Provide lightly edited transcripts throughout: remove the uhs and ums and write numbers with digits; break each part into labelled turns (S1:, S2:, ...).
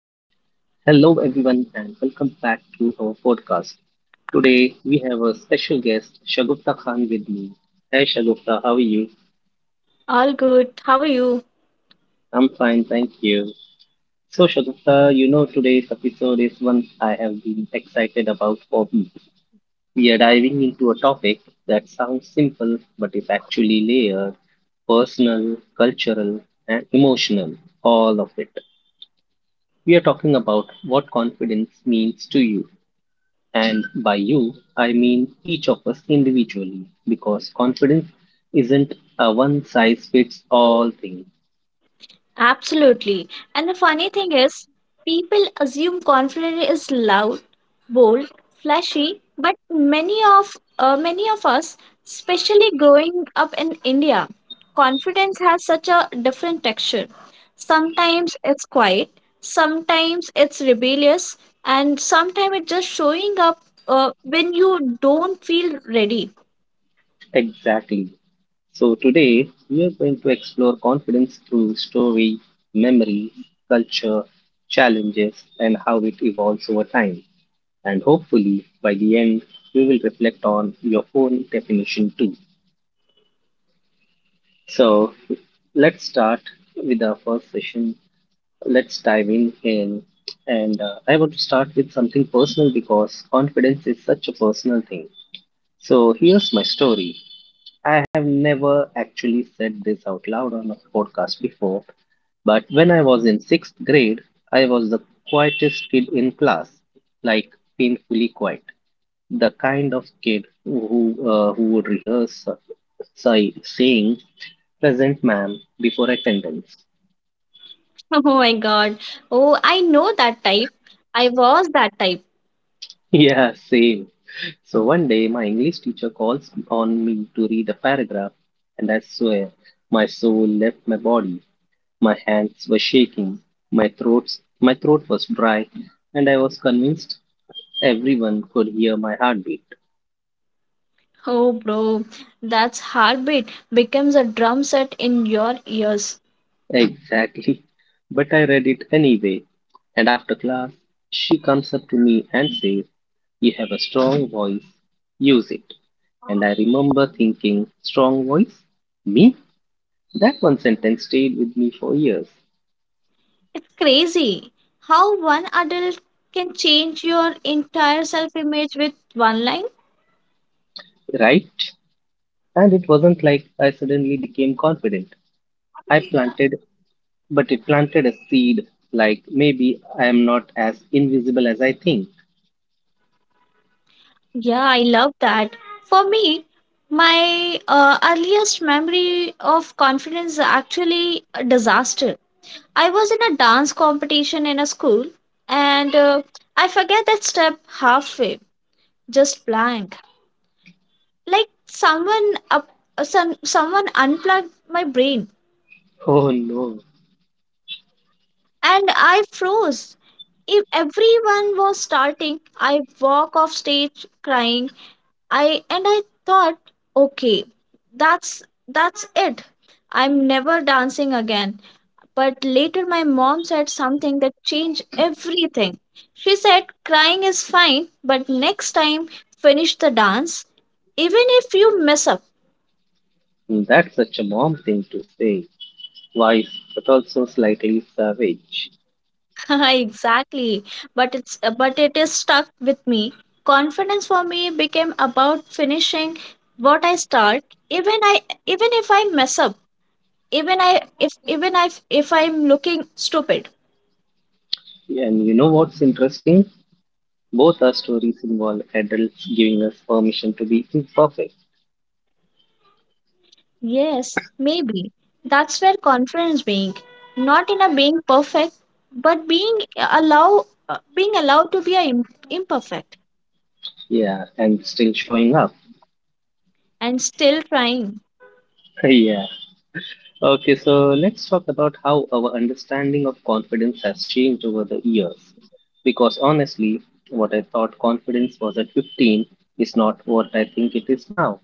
S1: Hello, everyone, and welcome back to our podcast. Today, we have a special guest, Shagufta Khan, with me. Hey, Shagufta, how are you?
S2: All good. How are you?
S1: I'm fine, thank you. So, Shagufta, today's episode is one I have been excited about for weeks. We are diving into a topic that sounds simple but is actually layered, personal, cultural, and emotional, all of it. We are talking about what confidence means to you. And by you, I mean each of us individually, because confidence isn't a one size fits all thing.
S2: Absolutely. And the funny thing is, people assume confidence is loud, bold, flashy, but many of us, especially growing up in India, confidence has such a different texture. Sometimes it's quiet, sometimes it's rebellious, and sometimes it's just showing up when you don't feel ready.
S1: Exactly. So today, we are going to explore confidence through story, memory, culture, challenges, and how it evolves over time. And hopefully, by the end, we will reflect on your own definition too. So let's start with our first session. Let's dive in and I want to start with something personal because confidence is such a personal thing. So here's my story. I have never actually said this out loud on a podcast before, but when I was in sixth grade, I was the quietest kid in class, like painfully quiet, the kind of kid who would rehearse saying present ma'am before attendance.
S2: Oh my God. Oh, I know that type. I was that type.
S1: Yeah, same. So one day my English teacher calls on me to read a paragraph, and I swear my soul left my body, my hands were shaking, my throat was dry, and I was convinced everyone could hear my heartbeat.
S2: Oh, bro, that's heartbeat becomes a drum set in your ears.
S1: Exactly. But I read it anyway. And after class, she comes up to me and says, "You have a strong voice. Use it." And I remember thinking, strong voice? Me? That one sentence stayed with me for years,
S2: It's crazy how one adult can change your entire self image with one line.
S1: right? And it wasn't like I suddenly became confident. I planted, but it planted a seed, like maybe I am not as invisible as I think.
S2: Yeah, I love that. For me, my earliest memory of confidence is actually a disaster. I was in a dance competition in a school and I forget that step halfway. Just blank. Like someone unplugged my brain
S1: Oh no,
S2: and I froze. If everyone was starting, I walk off stage crying. I and I thought, okay, that's that's it. I'm never dancing again. But later my mom said something that changed everything. She said, crying is fine, but next time finish the dance even if you mess up.
S1: that's such a mom thing to say. Wise, but also slightly savage.
S2: Exactly, but it is stuck with me. Confidence for me became about finishing what I start, even i even if I mess up, even i even I, if I'm looking stupid.
S1: And you know what's interesting? Both our stories involve adults giving us permission to be imperfect.
S2: Yes, maybe that's where confidence being, not in a being perfect but being allow being allowed to be imperfect
S1: Yeah, and still showing up.
S2: and still trying.
S1: Yeah. Okay, so let's talk about how our understanding of confidence has changed over the years. Because honestly, what I thought confidence was at 15 is not what I think it is now.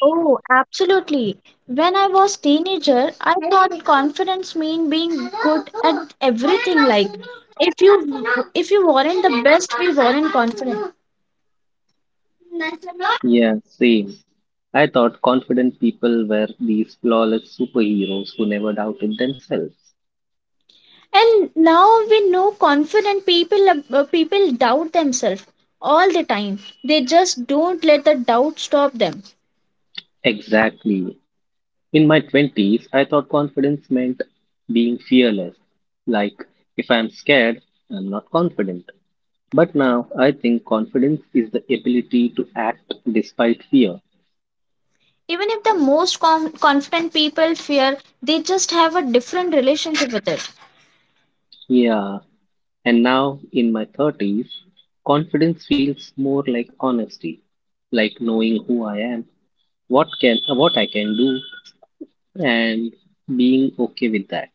S2: Oh, absolutely. When I was teenager, I thought confidence mean being good at everything, like if you if you weren't the best we weren't confident.
S1: Yeah, same. I thought confident people were these flawless superheroes who never doubted themselves.
S2: And now we know confident people people doubt themselves all the time. They just don't let the doubt stop them.
S1: Exactly. In my 20s, I thought confidence meant being fearless. Like, if I'm scared, I'm not confident. But now I think confidence is the ability to act despite fear.
S2: Even if the most confident people fear, they just have a different relationship with it.
S1: Yeah, and now in my 30s, confidence feels more like honesty, like knowing who I am, what I can do, and being okay with that.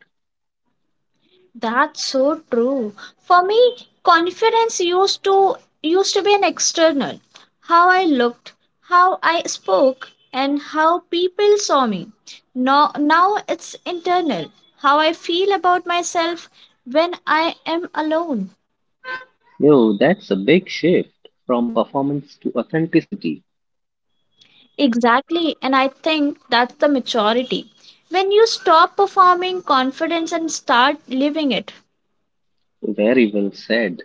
S2: That's so true. For me, confidence used to used to be an external. How I looked, how I spoke, and how people saw me. Now it's internal. How I feel about myself when I am alone.
S1: Yo, that's a big shift from performance to authenticity.
S2: Exactly, and I think that's the maturity. When you stop performing confidence and start living it.
S1: Very well said.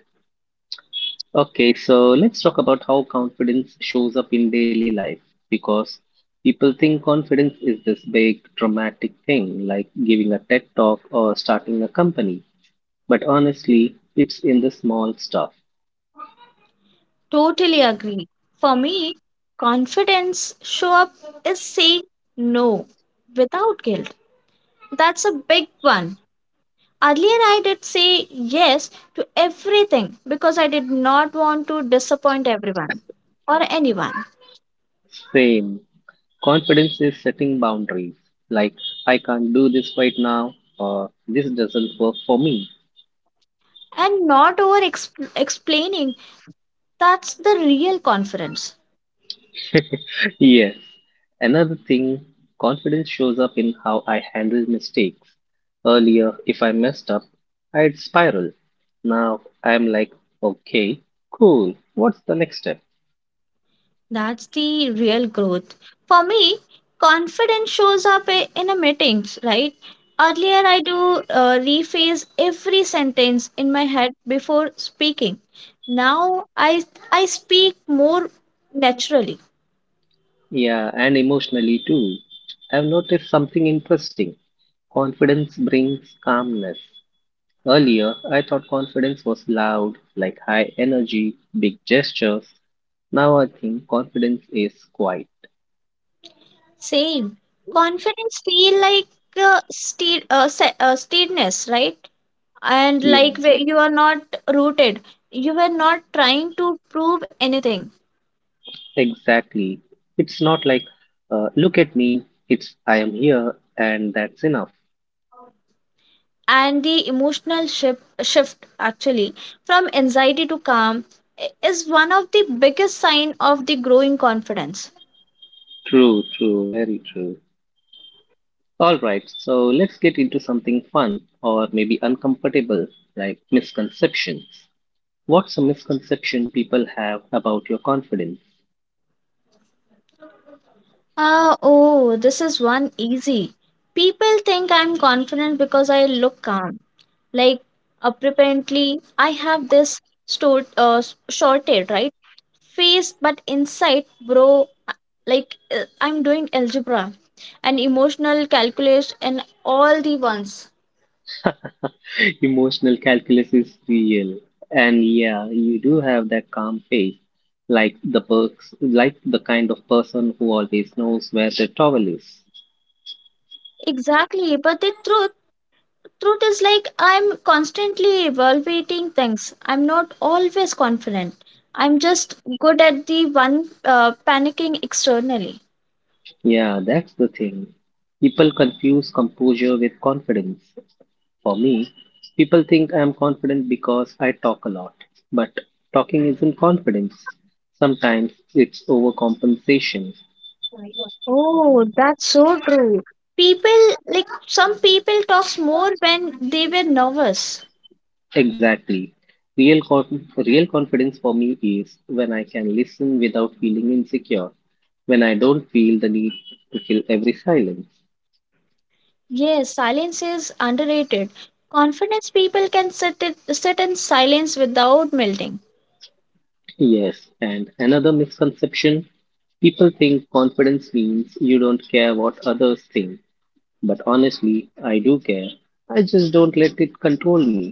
S1: Okay, so let's talk about how confidence shows up in daily life because people think confidence is this big dramatic thing like giving a TED talk or starting a company. But honestly, it's in the small stuff.
S2: Totally agree. For me, confidence show up is saying no without guilt. That's a big one. Earlier, I did say yes to everything because I did not want to disappoint everyone or anyone.
S1: Same. Confidence is setting boundaries, like I can't do this right now or this doesn't work for me.
S2: And not explaining, that's the real confidence.
S1: Yes. Another thing, confidence shows up in how I handle mistakes. Earlier, if I messed up, I'd spiral. Now I'm like, okay, cool, what's the next step?
S2: That's the real growth. For me, confidence shows up in a meetings, right? Earlier, I do rephrase every sentence in my head before speaking. Now, I speak more naturally.
S1: Yeah, and emotionally too. I've noticed something interesting. Confidence brings calmness. Earlier, I thought confidence was loud, like high energy, big gestures. Now I think confidence is quiet.
S2: Same. Confidence feel like steadiness, right? And like
S1: Yeah.
S2: where you are not rooted. You were not trying to prove anything.
S1: Exactly. It's not like, look at me, it's I am here and that's enough.
S2: And the emotional shift actually from anxiety to calm is one of the biggest sign of the growing confidence.
S1: True, true, very true. All right, so let's get into something fun or maybe uncomfortable, like misconceptions. What's a misconception people have about your confidence?
S2: Ah, oh, this is one easy. People think I'm confident because I look calm. Like, apparently I have this store shorted right face, but inside, bro, uh, I'm doing algebra and emotional calculus and all the ones.
S1: Emotional calculus is real. And yeah, you do have that calm face, like the perks, like the kind of person who always knows where the towel is.
S2: Exactly, but the truth is like I'm constantly evaluating things. I'm not always confident. I'm just good at the one, panicking externally.
S1: Yeah, that's the thing. People confuse composure with confidence. For me, people think I'm confident because I talk a lot. But talking isn't confidence. Sometimes it's overcompensation.
S2: Oh, that's so true. People, like, some people talks more when they were nervous.
S1: Exactly. Real confidence for me is when I can listen without feeling insecure, when I don't feel the need to fill every silence.
S2: Yes, silence is underrated. Confidence people can sit in silence without melting.
S1: Yes, and another misconception, people think confidence means you don't care what others think. But honestly, I do care. I just don't let it control me.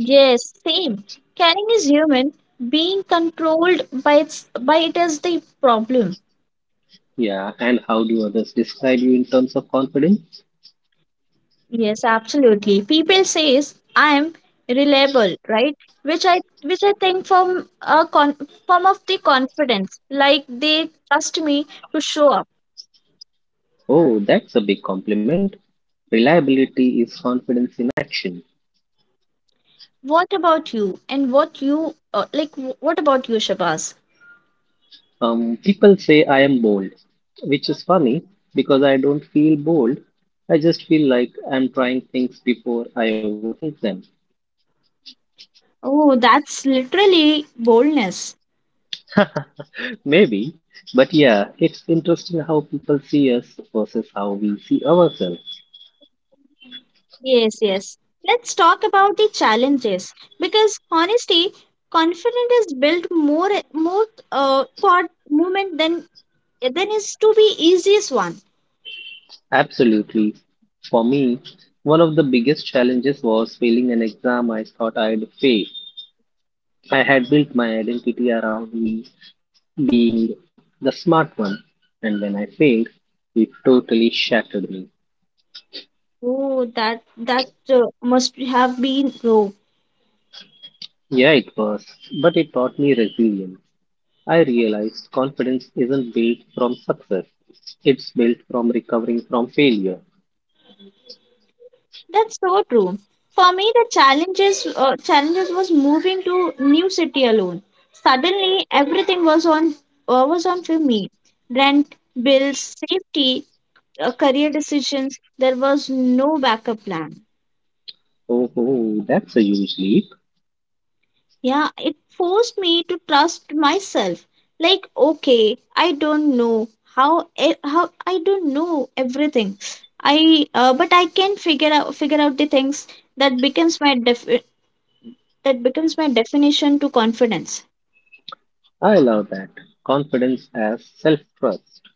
S2: Yes, same. Caring is human. Being controlled by its by it is the problem.
S1: Yeah, and how do others describe you in terms of confidence?
S2: Yes, absolutely. People says I am reliable, right? Which I think from a form of the confidence, like they trust me to show up.
S1: Oh, that's a big compliment. Reliability is confidence in action.
S2: What about you? And what you, like? What about you, Shabazz?
S1: People say I am bold, which is funny because I don't feel bold. I just feel like I'm trying things before I overthink them.
S2: Oh, that's literally boldness.
S1: Maybe, but yeah, it's interesting how people see us versus how we see ourselves.
S2: Yes, yes. Let's talk about the challenges because honesty, confidence is built more thought movement than is to be easiest one.
S1: Absolutely. For me, one of the biggest challenges was failing an exam I thought I'd fail. I had built my identity around me being the smart one, and when I failed, it totally shattered me.
S2: Oh, that must have been true.
S1: Yeah, it was, but it taught me resilience. I realized confidence isn't built from success, it's built from recovering from failure.
S2: That's so true. For me, the challenges was moving to new city alone. Suddenly, everything was on for me. Rent, bills, safety, career decisions. There was no backup plan.
S1: Oh, oh, that's a huge leap.
S2: Yeah, it forced me to trust myself. Like, okay, I don't know how I don't know everything. I but I can figure out the things. that becomes my def- that becomes my definition to confidence.
S1: I love that. Confidence as self trust.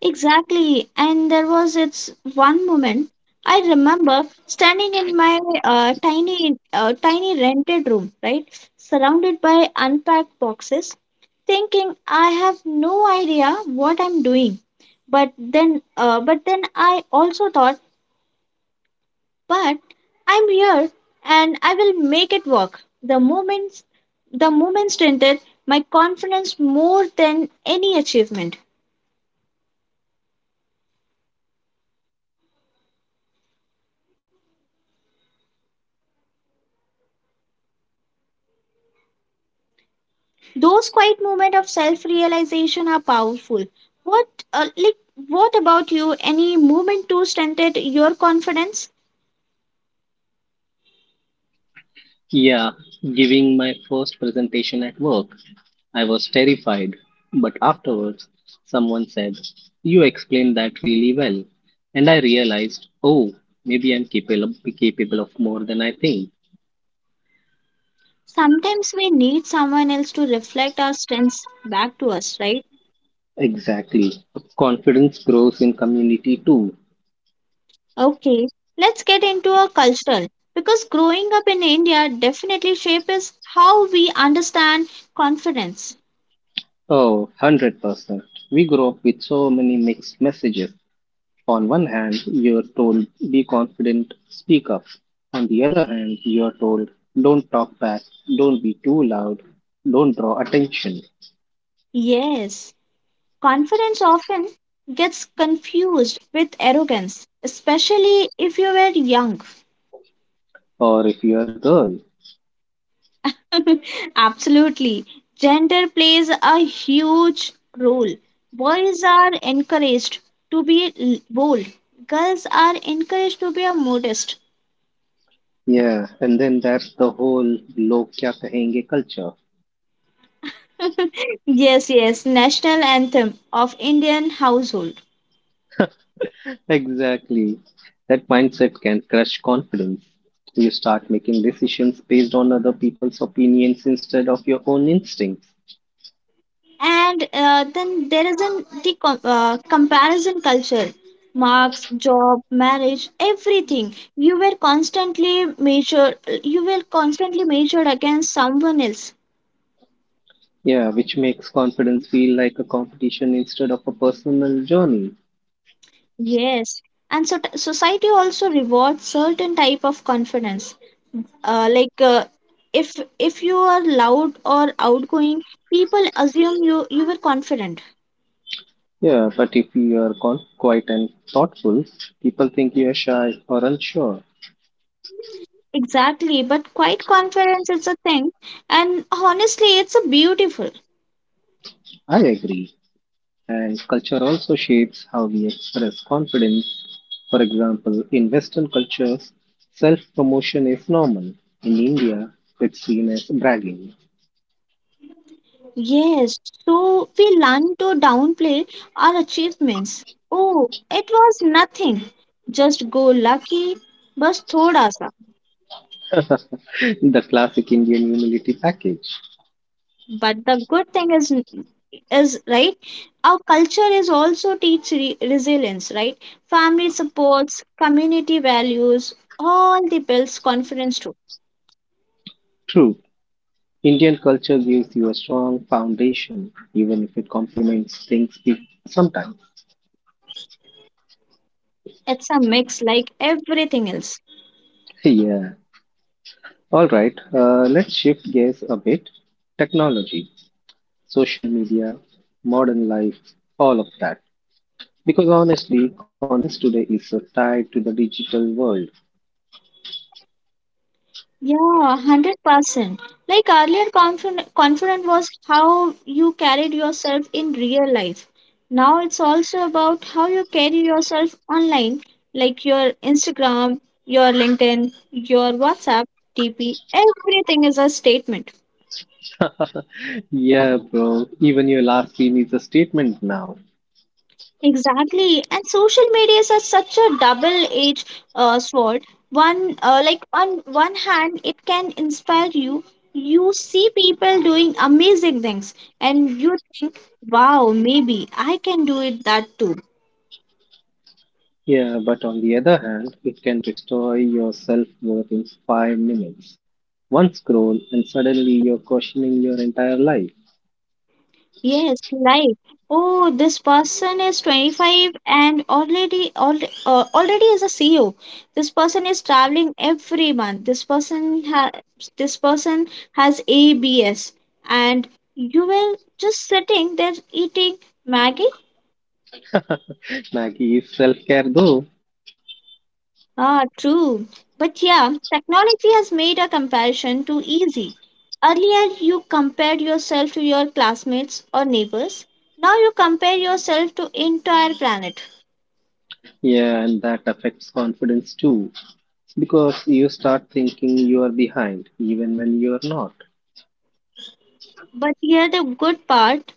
S2: Exactly. And there was its one moment I remember standing in my tiny rented room, right? Surrounded by unpacked boxes thinking I have no idea what I'm doing. But then I also thought, but I'm here and I will make it work. The moment strengthened my confidence more than any achievement. Those quiet moments of self-realization are powerful. What, uh, like, what about you? Any moment to strengthen your confidence?
S1: Yeah, giving my first presentation at work. I was terrified, but afterwards someone said, "You explained that really well." And I realized, oh, maybe I'm capable, of more than I think.
S2: Sometimes we need someone else to reflect our strengths back to us, right?
S1: Exactly. Confidence grows in community too.
S2: Okay, let's get into a cultural because growing up in India definitely shapes how we understand confidence.
S1: Oh, 100%. We grow up with so many mixed messages. On one hand, you're told be confident, speak up. On the other hand, you're told don't talk back, don't be too loud, don't draw attention.
S2: Yes, confidence often gets confused with arrogance, especially if you were young.
S1: Or if you're a girl,
S2: Absolutely. Gender plays a huge role. Boys are encouraged to be bold, girls are encouraged to be a modest.
S1: yeah, and then that's the whole log kya kahenge culture.
S2: Yes, yes, national anthem of Indian household.
S1: Exactly. That mindset can crush confidence. You start making decisions based on other people's opinions instead of your own instincts.
S2: And then there is an comparison culture, marks, job, marriage, everything. You were constantly measured. You were constantly measured against someone else.
S1: Yeah, which makes confidence feel like a competition instead of a personal journey.
S2: Yes, and so society also rewards certain type of confidence. Uh, like uh, if you are loud or outgoing, people assume you were confident.
S1: Yeah, but if you are quiet and thoughtful, people think you are shy or unsure.
S2: Exactly, but quiet confidence is a thing, and honestly, it's a beautiful.
S1: I agree. And culture also shapes how we express confidence. For example, in Western cultures, self promotion is normal. In India, it's seen as bragging.
S2: Yes, so we learn to downplay our achievements. Oh, it was nothing. Just go lucky, bus thoda sa.
S1: The classic Indian humility package.
S2: But the good thing is right. Our culture is also teach resilience, right? Family supports, community values, all the builds confidence too.
S1: True, Indian culture gives you a strong foundation, even if it complements things we sometimes.
S2: It's a mix like everything else.
S1: Yeah. All right, let's shift gears a bit. Technology, social media, modern life, all of that. Because honestly, confidence today is so tied to the digital world.
S2: Yeah, 100%. Like earlier, confident was how you carried yourself in real life. Now it's also about how you carry yourself online, like your Instagram, your LinkedIn, your WhatsApp, TP. Everything is a statement.
S1: Yeah, bro, even your last scene is a statement now.
S2: Exactly, and social media is such a double-edged sword. One, on one hand, it can inspire you. You see people doing amazing things, and you think, "Wow, maybe I can do it that too."
S1: Yeah, but on the other hand, it can destroy your self worth in five minutes. One scroll, and suddenly you're questioning your entire life.
S2: Yes, like, oh, this person is 25 and already is a CEO. This person is traveling every month. This person has ABS and you were just sitting there eating Maggie?
S1: Maggie is self care though.
S2: Ah, true. But yeah, technology has made a comparison too easy. Earlier you compared yourself to your classmates or neighbors. Now you compare yourself to entire planet.
S1: Yeah, and that affects confidence too. Because you start thinking you are behind, even when you are not.
S2: But here the good part,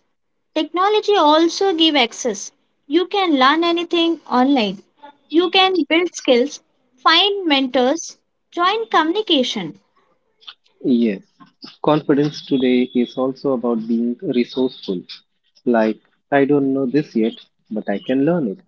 S2: technology also give access. You can learn anything online. You can build skills, find mentors, join communication.
S1: Yes. Confidence today is also about being resourceful. Like, I don't know this yet, but I can learn it.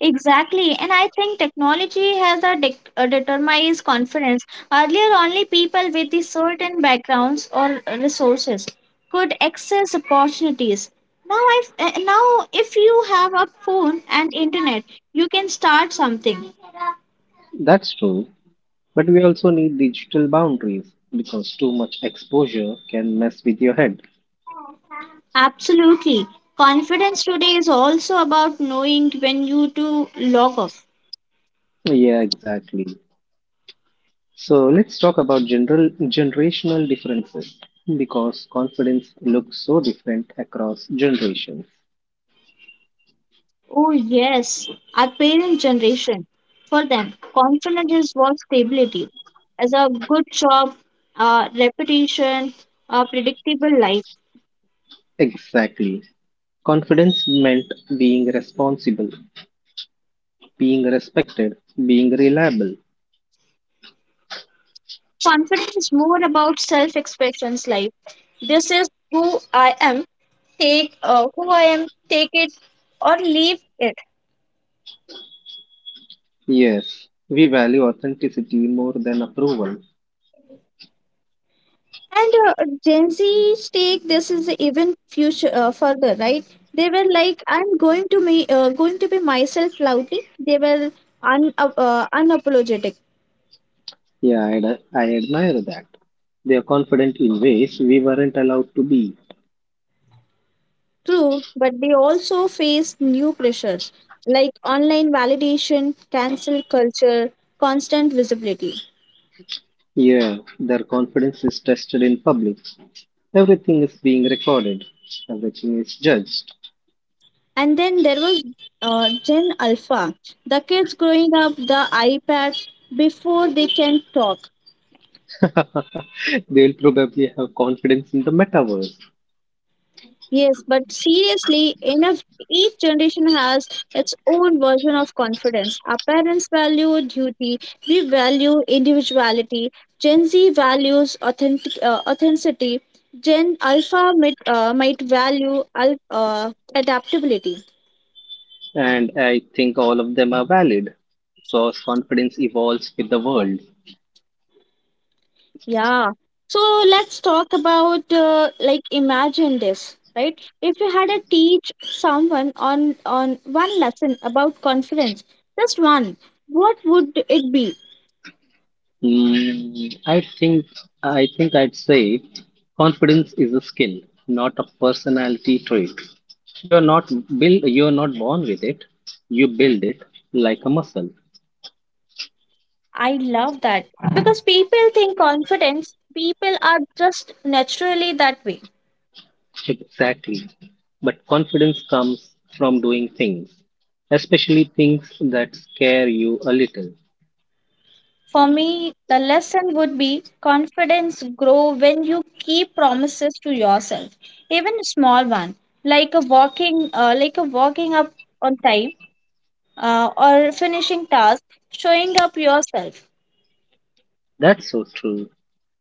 S2: Exactly, and I think technology has a determines confidence. Earlier, only people with the certain backgrounds or resources could access opportunities. Now, I now if you have a phone and internet, you can start something.
S1: That's true. But we also need digital boundaries because too much exposure can mess with your head.
S2: Absolutely. Confidence today is also about knowing when you to log off.
S1: Yeah, exactly. So let's talk about general generational differences because confidence looks so different across generations.
S2: Oh, yes, our parent generation. For them, confidence is what stability as a good job, repetition, a predictable life.
S1: Exactly. Confidence meant being responsible, being respected, being reliable.
S2: Confidence is more about self expressions life. This is who I am, take who I am, take it or leave it.
S1: Yes, we value authenticity more than approval.
S2: And Gen Z's take this is even future further, right? They were like, "I'm going to me going to be myself loudly." They were un unapologetic,
S1: Yeah, I admire that. They are confident in ways we weren't allowed to be.
S2: true, but they also faced new pressures like online validation, cancel culture, constant visibility.
S1: Yeah, their confidence is tested in public. Everything is being recorded, everything is judged.
S2: And then there was Gen Alpha, the kids growing up the iPad before they can talk.
S1: They'll probably have confidence in the metaverse.
S2: Yes, but seriously, enough. Each generation has its own version of confidence. Our parents value duty. We value individuality. Gen Z values authenticity. Gen Alpha might value adaptability.
S1: And I think all of them are valid because confidence evolves with the world.
S2: Yeah. So let's talk about imagine this, right? If you had to teach someone on one lesson about confidence, just one, what would it be?
S1: Mm, I think I'd say confidence is a skill, not a personality trait. You're not you're not born with it. You build it like a muscle.
S2: I love that because people think confidence, people are just naturally that way.
S1: Exactly. But confidence comes from doing things, especially things that scare you a little.
S2: For me, the lesson would be confidence grow when you keep promises to yourself, even a small one, like a walking up on time, or finishing task, showing up yourself.
S1: That's so true.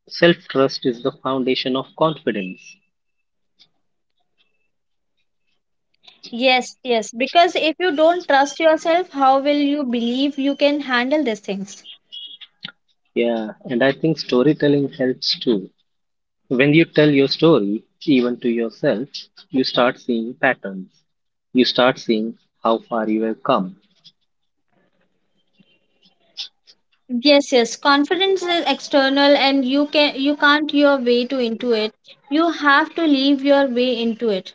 S1: Self-trust is the foundation of confidence.
S2: Yes, yes, because if you don't trust yourself, how will you believe you can handle these things?
S1: Yeah, and I think storytelling helps too. When you tell your story, even to yourself, you start seeing patterns. You start seeing how far you have come.
S2: Yes, yes, confidence is external and you can't your way to into it. You have to leave your way into it.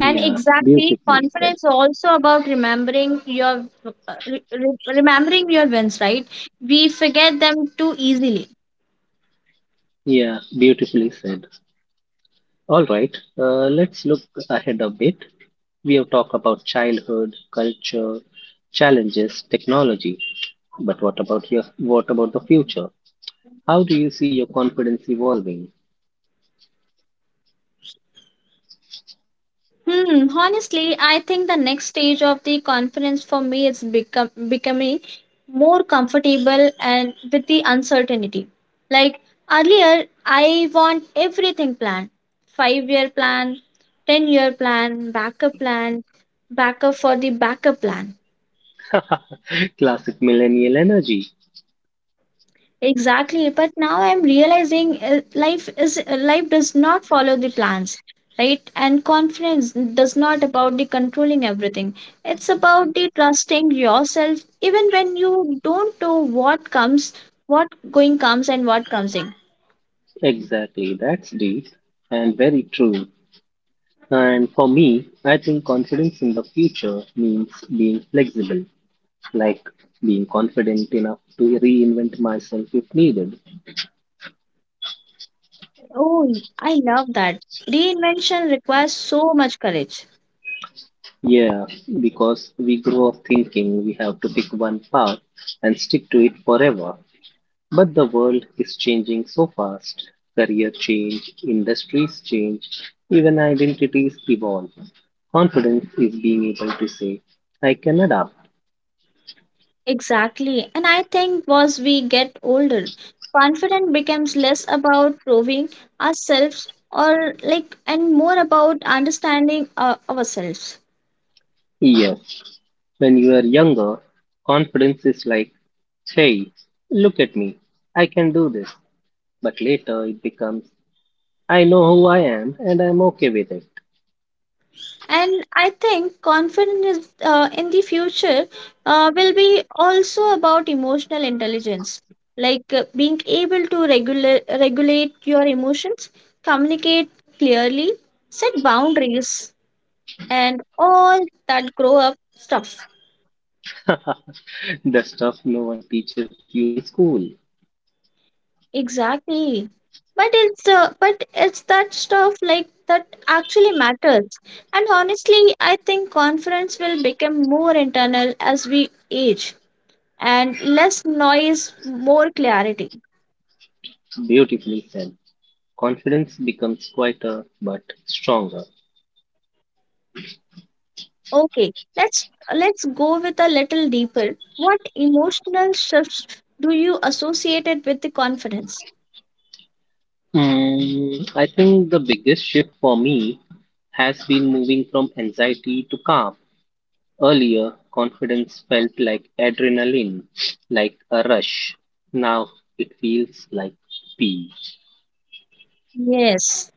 S2: And exactly,
S1: beautifully said.
S2: confidence is also about remembering your wins, right? We forget them too easily.
S1: Yeah, beautifully said. All right, let's look ahead a bit. We have talked about childhood, culture, challenges, technology. But what about the future? How do you see your confidence evolving?
S2: Hmm, honestly, I think the next stage of the conference for me is become becoming more comfortable and with the uncertainty. Like earlier, I want everything planned. Five-year plan, ten-year plan, backup for the backup plan.
S1: Classic millennial energy.
S2: Exactly, but now I'm realizing life is life does not follow the plans, right? And confidence does not about the controlling everything. It's about the trusting yourself even when you don't know what comes, what going comes and what comes in.
S1: Exactly, that's deep and very true. And for me, I think confidence in the future means being flexible, like being confident enough to reinvent myself if needed.
S2: Oh, I love that. Reinvention requires so much courage.
S1: Yeah, because we grow up thinking we have to pick one path and stick to it forever. But the world is changing so fast. Career change, industries change, even identities evolve. Confidence is being able to say, I can adapt.
S2: Exactly. And I think as we get older, confidence becomes less about proving ourselves or like and more about understanding ourselves.
S1: Yes, when you are younger, confidence is like, hey, look at me, I can do this. But later it becomes, I know who I am and I'm okay with it.
S2: And I think confidence is, in the future will be also about emotional intelligence, like being able to regulate your emotions, communicate clearly, set boundaries, and all that grow up stuff.
S1: The stuff no one teaches you in school.
S2: Exactly. But it's that stuff like that actually matters. And honestly, I think conference will become more internal as we age and less noise, more clarity.
S1: Beautifully said. Confidence becomes quieter but stronger.
S2: Okay, let's let's go with a little deeper. What emotional shifts do you associate it with the conference?
S1: Mm, I think the biggest shift for me has been moving from anxiety to calm. Earlier, confidence felt like adrenaline, like a rush. Now it feels like peace.
S2: Yes.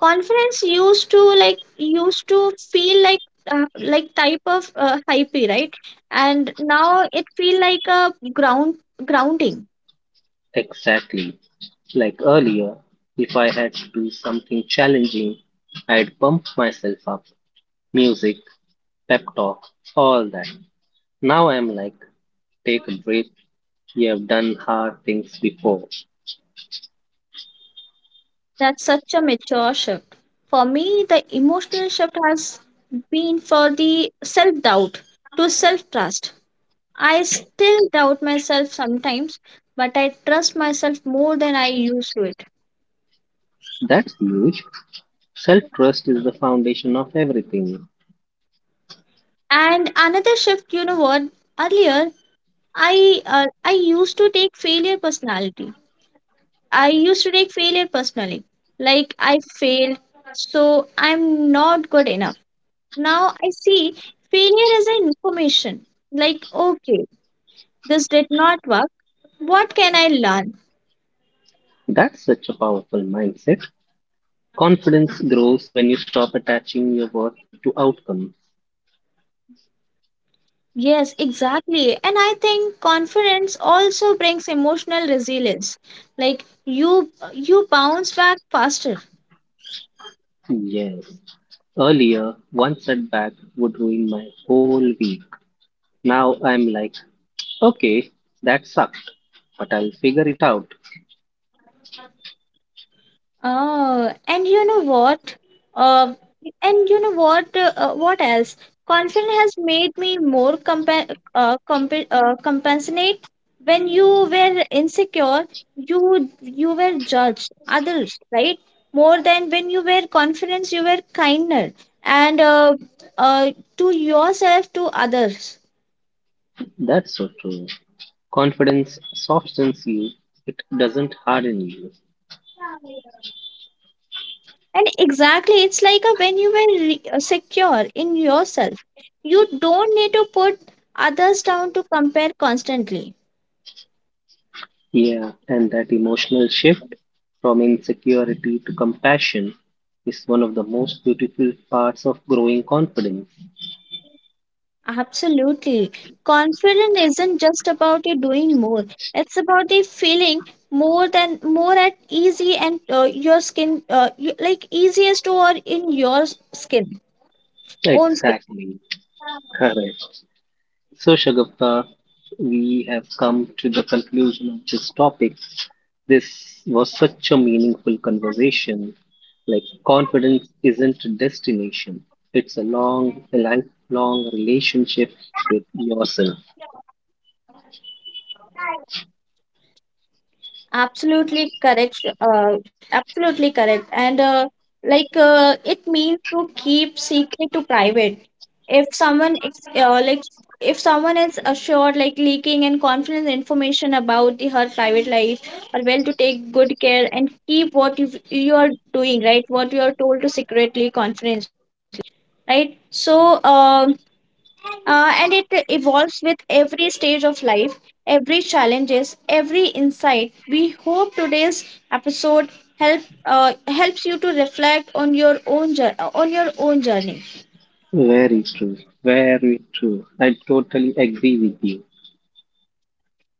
S2: Confidence used to feel uh, like type of hype, right? And now it feel like a ground grounding.
S1: Exactly. Like earlier, if I had to do something challenging, I'd pump myself up. Music, pep talk, all that. Now I'm like, take a breath. You have done hard things before.
S2: That's such a mature shift. For me the emotional shift has been for the self doubt to self trust. I still doubt myself sometimes, but I trust myself more than I used to it.
S1: That's huge. Self trust is the foundation of everything.
S2: And another shift, you know what, earlier I uh, used to take failure personality I used to take failure personally. Like I failed, so I'm not good enough. Now I see failure as an information. Like, okay, this did not work. What can I learn?
S1: That's such a powerful mindset. Confidence grows when you stop attaching your worth to outcomes.
S2: Yes, exactly. And I think confidence also brings emotional resilience. Like you bounce back faster.
S1: Yes. Earlier, one setback would ruin my whole week. Now I'm like, okay, that sucked, but I'll figure it out.
S2: Oh, and you know what? Uh, what else? Confidence has made me more compassionate. When you were insecure, you were judged others, right? More than when you were confident, you were kinder and uh, to yourself, to others.
S1: That's so true. Confidence softens you, it doesn't harden you.
S2: And exactly, it's like a, when you were secure in yourself, you don't need to put others down to compare constantly.
S1: Yeah, and that emotional shift from insecurity to compassion is one of the most beautiful parts of growing confidence.
S2: Absolutely. Confidence isn't just about you doing more, it's about the feeling more than more at easy and your skin, like easiest or in your skin, own skin.
S1: Exactly. Correct. So, Shagafta, we have come to the conclusion of this topic. This was such a meaningful conversation. Like, confidence isn't a destination, it's a lifelong relationship with yourself.
S2: Absolutely correct. And like it means to keep secret to private. If someone ex- like if someone is assured like leaking and confidence information about the, her private life or well to take good care and keep what you are doing, right, what you are told to secretly confidentially, right? And it evolves with every stage of life, every challenges, every insight. We hope today's episode helps you to reflect on your own on your own journey.
S1: Very true, very true. I totally agree with you.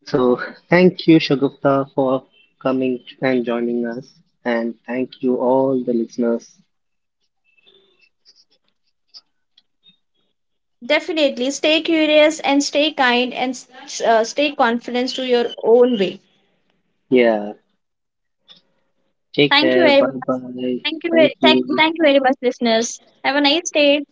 S1: So, thank you, Shagufta, for coming and joining us. And thank you, all the listeners.
S2: Definitely stay curious and stay kind and stay confident to your own way.
S1: Yeah, take
S2: Thank
S1: care.
S2: you very
S1: Bye
S2: much.
S1: bye.
S2: thank you
S1: Thank
S2: very thank,
S1: you.
S2: thank you very much listeners, have a nice day.